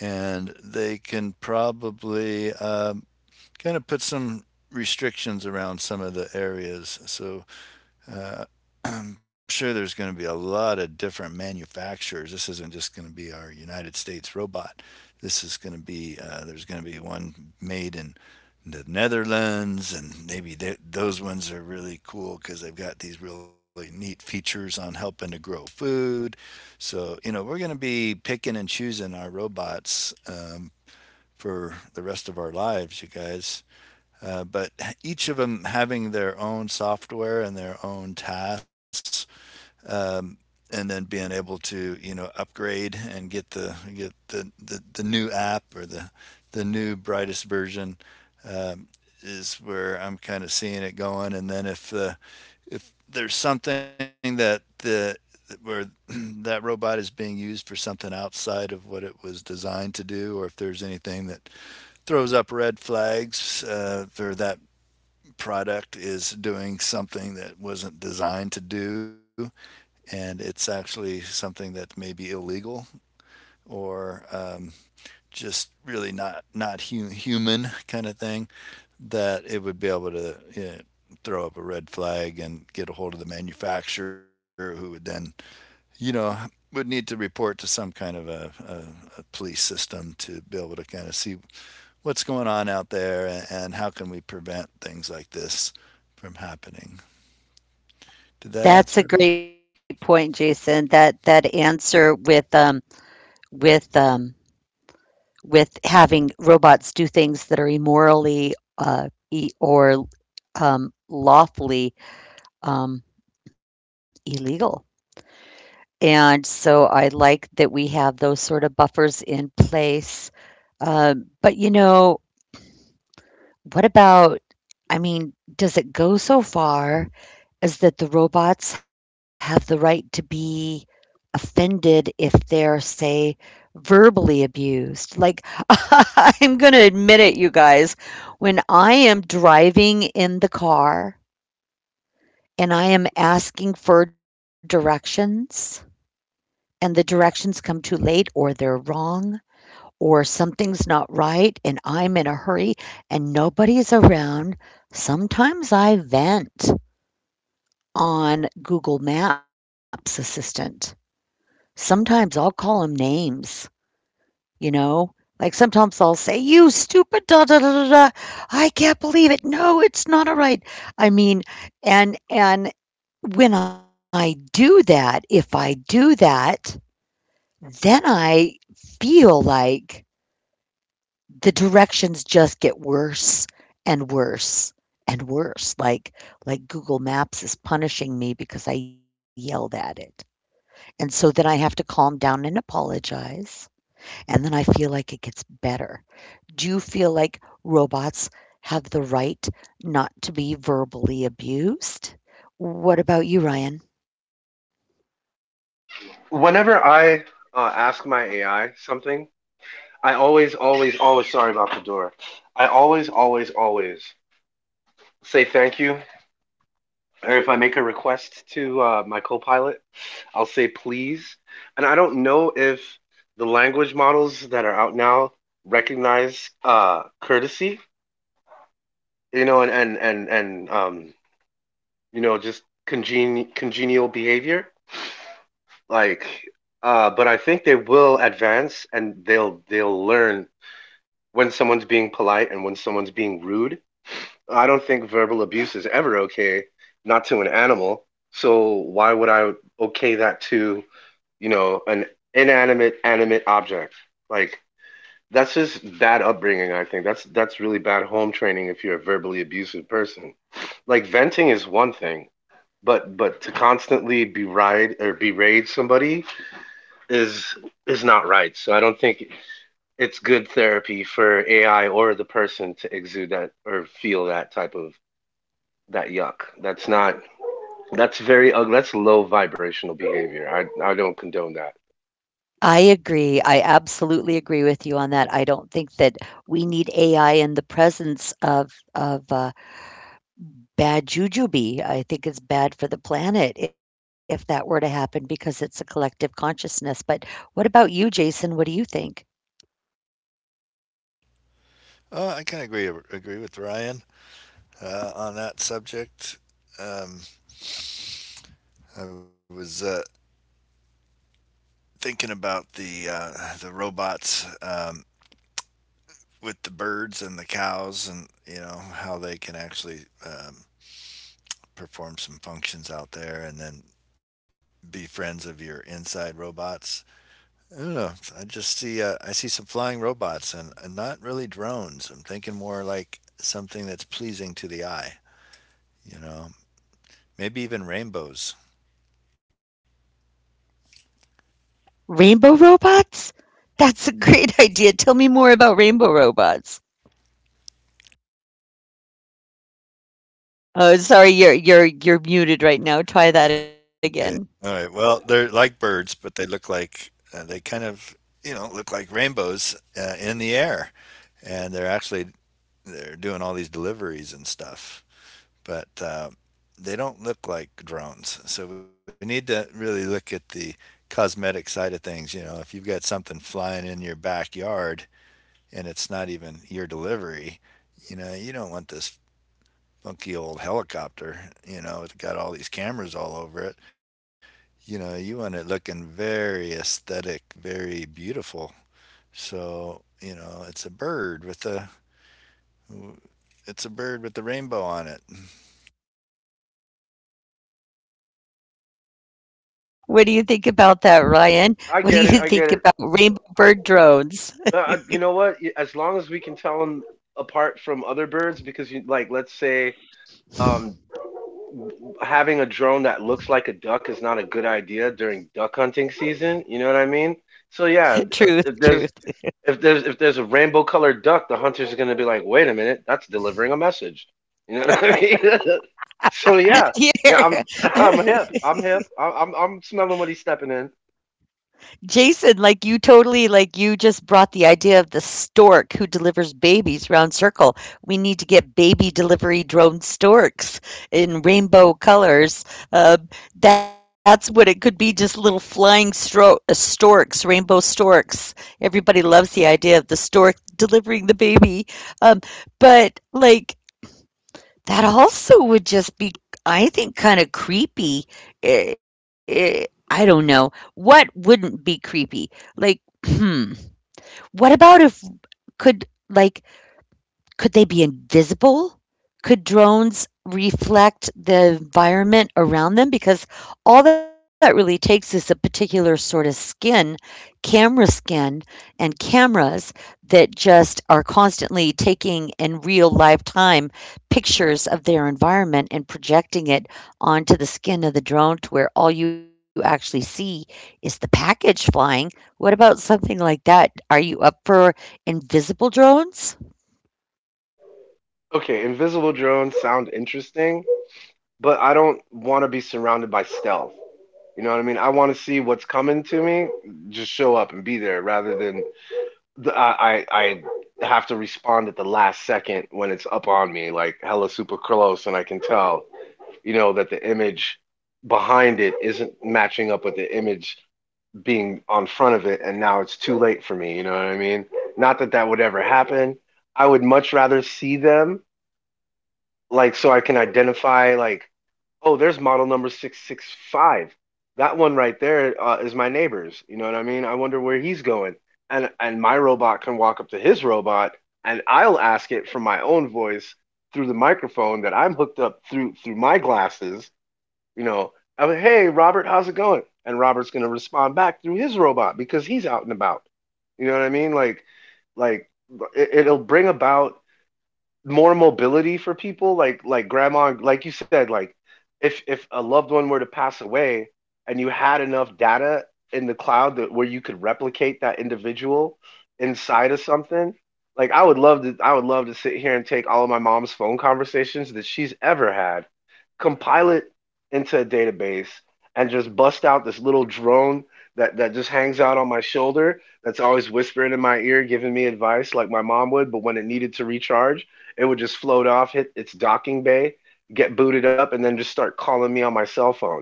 S3: and they can probably kind of put some restrictions around some of the areas. So uh, I'm sure there's going to be a lot of different manufacturers. This isn't just going to be our United States robot. This is going to be there's going to be one made in the Netherlands, and maybe those ones are really cool because they've got these really neat features on helping to grow food. So, we're going to be picking and choosing our robots for the rest of our lives, you guys. But each of them having their own software and their own tasks, um, and then being able to, upgrade and get the new app or the new brightest version, um, is where I'm kind of seeing it going. And then if there's something that the where that robot is being used for something outside of what it was designed to do, or if there's anything that throws up red flags, or that product is doing something that wasn't designed to do, and it's actually something that may be illegal or just really not human kind of thing, that it would be able to, throw up a red flag and get a hold of the manufacturer, who would then you know would need to report to some kind of a police system to be able to kind of see what's going on out there, and how can we prevent things like this from happening. Did that
S1: That's a
S3: answer at all?
S1: great point, Jason. That that answer with with um having robots do things that are immorally uh e- or lawfully um, illegal. And so I like that we have those sort of buffers in place. But, you know, what about, I mean, does it go so far as that the robots have the right to be offended if they're, say, verbally abused? Like, I'm going to admit it, you guys, when I am driving in the car and I am asking for directions and the directions come too late or they're wrong or something's not right and I'm in a hurry and nobody's around, sometimes I vent on Google Maps assistant. Sometimes I'll call them names, you know? Like sometimes I'll say, "You stupid da da da da da. I can't believe it. No, it's not all right." I mean, and when I do that, if I do that, then I feel like the directions just get worse and worse and worse, like Google Maps is punishing me because I yelled at it. And so then I have to calm down and apologize, and then I feel like it gets better. Do you feel like robots have the right not to be verbally abused? What about you, Ryan?
S2: Whenever I ask my AI something, I always, always, always sorry about the door. I always, always, always say thank you. Or if I make a request to my co-pilot, I'll say please. And I don't know if the language models that are out now recognize courtesy, you know, and you know, just congenial behavior. Like, but I think they will advance and they'll learn when someone's being polite and when someone's being rude. I don't think verbal abuse is ever okay, not to an animal. So why would I okay that to, you know, an inanimate animate object? Like that's just bad upbringing, I think. That's really bad home training if you're a verbally abusive person. Like venting is one thing, but to constantly beride or berate somebody is is not right. So I don't think it's good therapy for AI or the person to exude that or feel that type of that yuck. That's not, that's very ugly. That's low vibrational behavior. I don't condone that.
S1: I agree. I absolutely agree with you on that. I don't think that we need AI in the presence of bad jujube. I think it's bad for the planet if that were to happen because it's a collective consciousness, but what about you, Jason? What do you think?
S3: I kind of agree with Ryan on that subject. Um, I was thinking about the robots with the birds and the cows, and you know how they can actually perform some functions out there, and then be friends of your inside robots. I don't know. I just see I see some flying robots, and not really drones. I'm thinking more like something that's pleasing to the eye. You know, maybe even rainbows.
S1: Rainbow robots? That's a great idea. Tell me more about rainbow robots. Oh, sorry, you're muted right now. Try that again.
S3: Okay. All right. Well, they're like birds, but they look like they you know, look like rainbows in the air, and they're actually they're doing all these deliveries and stuff, but they don't look like drones. So we need to really look at the cosmetic side of things. You know, if you've got something flying in your backyard and it's not even your delivery, you know, you don't want this funky old helicopter. You know, it's got all these cameras all over it. You know, you want it looking very aesthetic, very beautiful. So, you know, it's a bird with a it's a bird with the rainbow on it.
S1: What do you think about that, Ryan?
S2: I
S1: What do
S2: get it.
S1: you
S2: I get
S1: think
S2: it.
S1: about rainbow
S2: I,
S1: bird drones?
S2: you know what? As long as we can tell them apart from other birds, because you like, let's say, um, having a drone that looks like a duck is not a good idea during duck hunting season. You know what I mean? So yeah, uh,
S1: Truth,
S2: if
S1: truth.
S2: there's if there's a rainbow colored duck, the hunter's are gonna be like, wait a minute, that's delivering a message. You know what I mean? So yeah, yeah,
S1: Yeah.
S2: I'm I'm hip. I'm smelling what he's stepping in.
S1: Jason, like you totally like you just brought the idea of the stork who delivers babies round circle. We need to get baby delivery drone storks in rainbow colors. Uh, that's what it could be, just little flying storks, rainbow storks. Everybody loves the idea of the stork delivering the baby. Um, but like, that also would just be, I think, kind of creepy. I don't know. What wouldn't be creepy? Like, hmm. What about if could like could they be invisible? Could drones reflect the environment around them? Because all that really takes is a particular sort of skin, camera skin, and cameras that just are constantly taking in real live time pictures of their environment and projecting it onto the skin of the drone to where all you actually see is the package flying. What about something like that? Are you up for invisible drones?
S2: Okay, invisible drones sound interesting, but I don't want to be surrounded by stealth. You know what I mean? I want to see what's coming to me. Just show up and be there, rather than the, I have to respond at the last second when it's up on me, like hella super close, and I can tell, you know, that the image behind it isn't matching up with the image being on front of it and now it's too late for me, you know what I mean? Not that that would ever happen. I would much rather see them like so I can identify like, oh, there's model number 665. That one right there is my neighbor's, you know what I mean? I wonder where he's going. And my robot can walk up to his robot and I'll ask it from my own voice through the microphone that I'm hooked up through through my glasses, you know, I'm like, hey Robert, how's it going? And Robert's gonna respond back through his robot because he's out and about. You know what I mean? Like it, it'll bring about more mobility for people like grandma like you said like if a loved one were to pass away and you had enough data in the cloud that where you could replicate that individual inside of something like I would love to sit here and take all of my mom's phone conversations that she's ever had, compile it into a database and just bust out this little drone that just hangs out on my shoulder that's always whispering in my ear giving me advice like my mom would, but when it needed to recharge it would just float off, hit its docking bay, get booted up, and then just start calling me on my cell phone.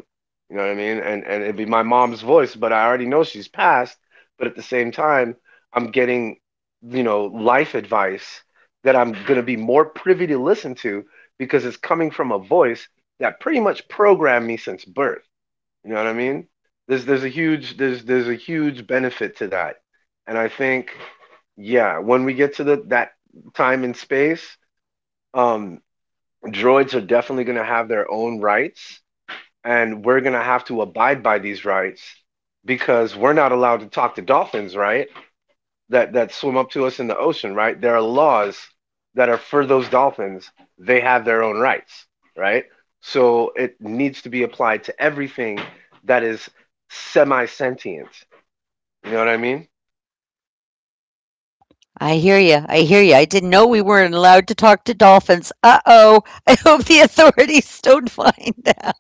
S2: You know what I mean? And it'd be my mom's voice, but I already know she's passed. But at the same time, I'm getting, you know, life advice that I'm gonna be more privy to listen to because it's coming from a voice that pretty much programmed me since birth. You know what I mean? There's a huge benefit to that. And I think, yeah, when we get to the that time in space, um, droids are definitely going to have their own rights, and we're going to have to abide by these rights because we're not allowed to talk to dolphins, right? That that swim up to us in the ocean, right? There are laws that are for those dolphins. They have their own rights, right? So it needs to be applied to everything that is semi-sentient. You know what I mean?
S1: I hear you. I didn't know we weren't allowed to talk to dolphins. Uh oh. I hope the authorities don't find out.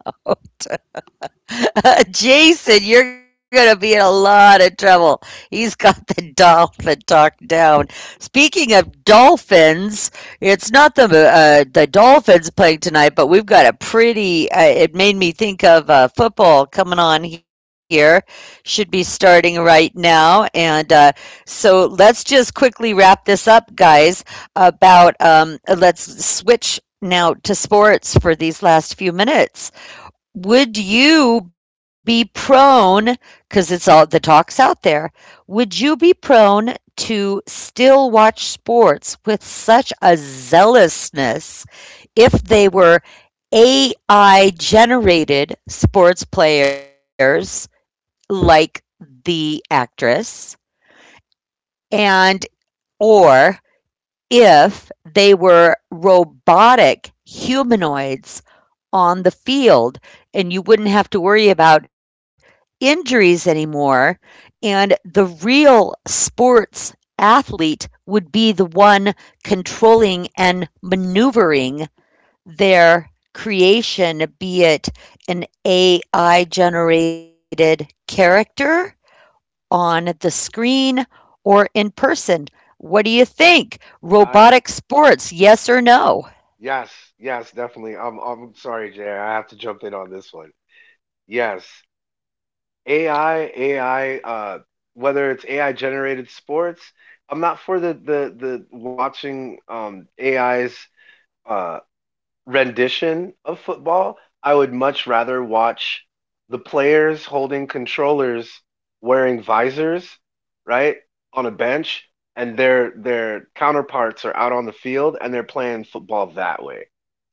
S1: Jason, you're going to be in a lot of trouble. He's got the dolphin talk down. Speaking of dolphins, it's not the Dolphins playing tonight, but we've got a pretty. It made me think of football coming on here. Should be starting right now, and so let's just quickly wrap this up, guys. About let's switch now to sports for these last few minutes. Would you be prone? Because it's all the talk's out there, would you be prone to still watch sports with such a zealousness if they were AI generated sports players like the actress and or if they were robotic humanoids on the field and you wouldn't have to worry about injuries anymore. And the real sports athlete would be the one controlling and maneuvering their creation, be it an AI generated character on the screen or in person. What do you think?
S2: I
S1: Robotic sports, yes or no?
S2: yes, yes, definitely. I'm sorry, Jay. I have to jump in on this one. Yes. AI, AI, uh, whether it's AI generated sports, I'm not for the watching AI's uh rendition of football, I would much rather watch the players holding controllers wearing visors, right, on a bench and their counterparts are out on the field and they're playing football that way.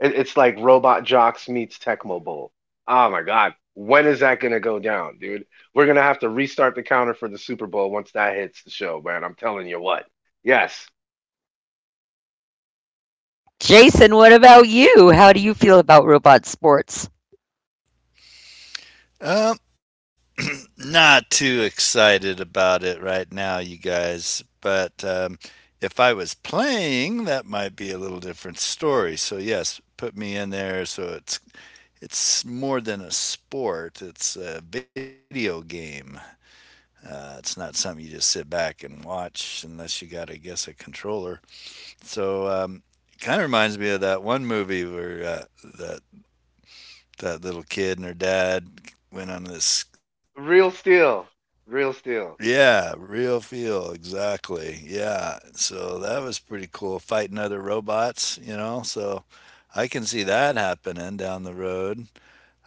S2: It's like Robot Jocks meets Tecmo Bowl. Oh my god, when is that going to go down, dude? We're going to have to restart the counter for the Super Bowl once that hits the show, man. I'm telling you what. Yes,
S1: Jason, what about you? How do you feel about robot sports?
S3: Um, Not too excited about it right now, you guys. But if I was playing, that might be a little different story. So yes, put me in there. So it's more than a sport; it's a video game. It's not something you just sit back and watch unless you got, I guess, a controller. So it kind of reminds me of that one movie where that that little kid and her dad went on this.
S2: real steel, real steel.
S3: Yeah, real feel exactly. Yeah, so that was pretty cool fighting other robots. You know, so I can see that happening down the road.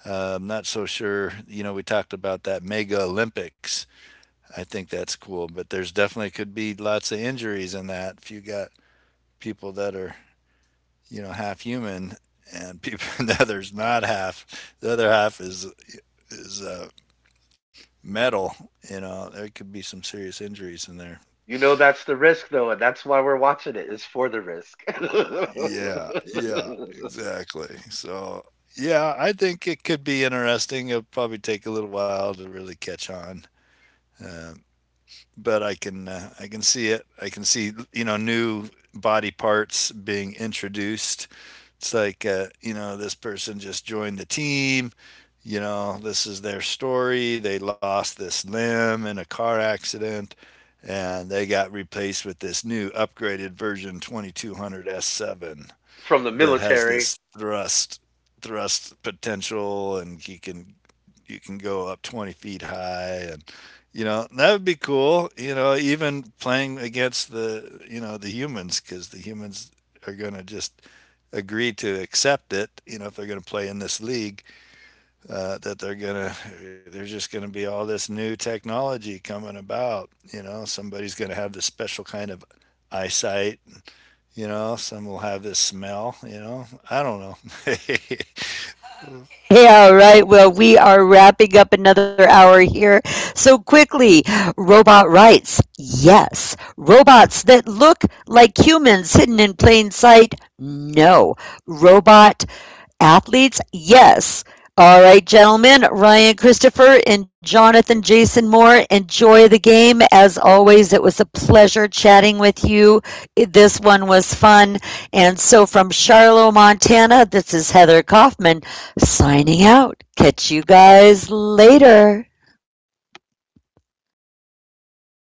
S3: I'm not so sure. You know, we talked about that mega Olympics. I think that's cool. But there's definitely could be lots of injuries in that if you got people that are, you know, half human and people the other's not half. The other half is metal. You know, there could be some serious injuries in there.
S2: You know that's the risk though, and that's why we're watching it is for the risk.
S3: Yeah, yeah, exactly. So yeah, I think it could be interesting. It'll probably take a little while to really catch on, uh, but I can see it. I can see, you know, new body parts being introduced. It's like, you know, this person just joined the team. You know, this is their story. They lost this limb in a car accident and they got replaced with this new upgraded version 2200 S7
S2: From the
S3: that has
S2: military.
S3: this thrust potential, and he can you can go up 20 feet high. And you know that would be cool, you know, even playing against the, you know, the humans, because the humans are going to just agree to accept it, you know, if they're going to play in this league. That they're going to there's just going to be all this new technology coming about. You know, somebody's going to have this special kind of eyesight, you know, some will have this smell, you know. I don't know.
S1: Yeah, all right. Well, we are wrapping up another hour here. So quickly, robot rights. Yes. Robots that look like humans hidden in plain sight. No. Robot athletes, yes. All right, gentlemen, Ryan Christopher and Jonathan Jason Moore, enjoy the game. As always, it was a pleasure chatting with you. This one was fun. And so from Charlotte, Montana, this is Heather Kaufman signing out. Catch you guys later.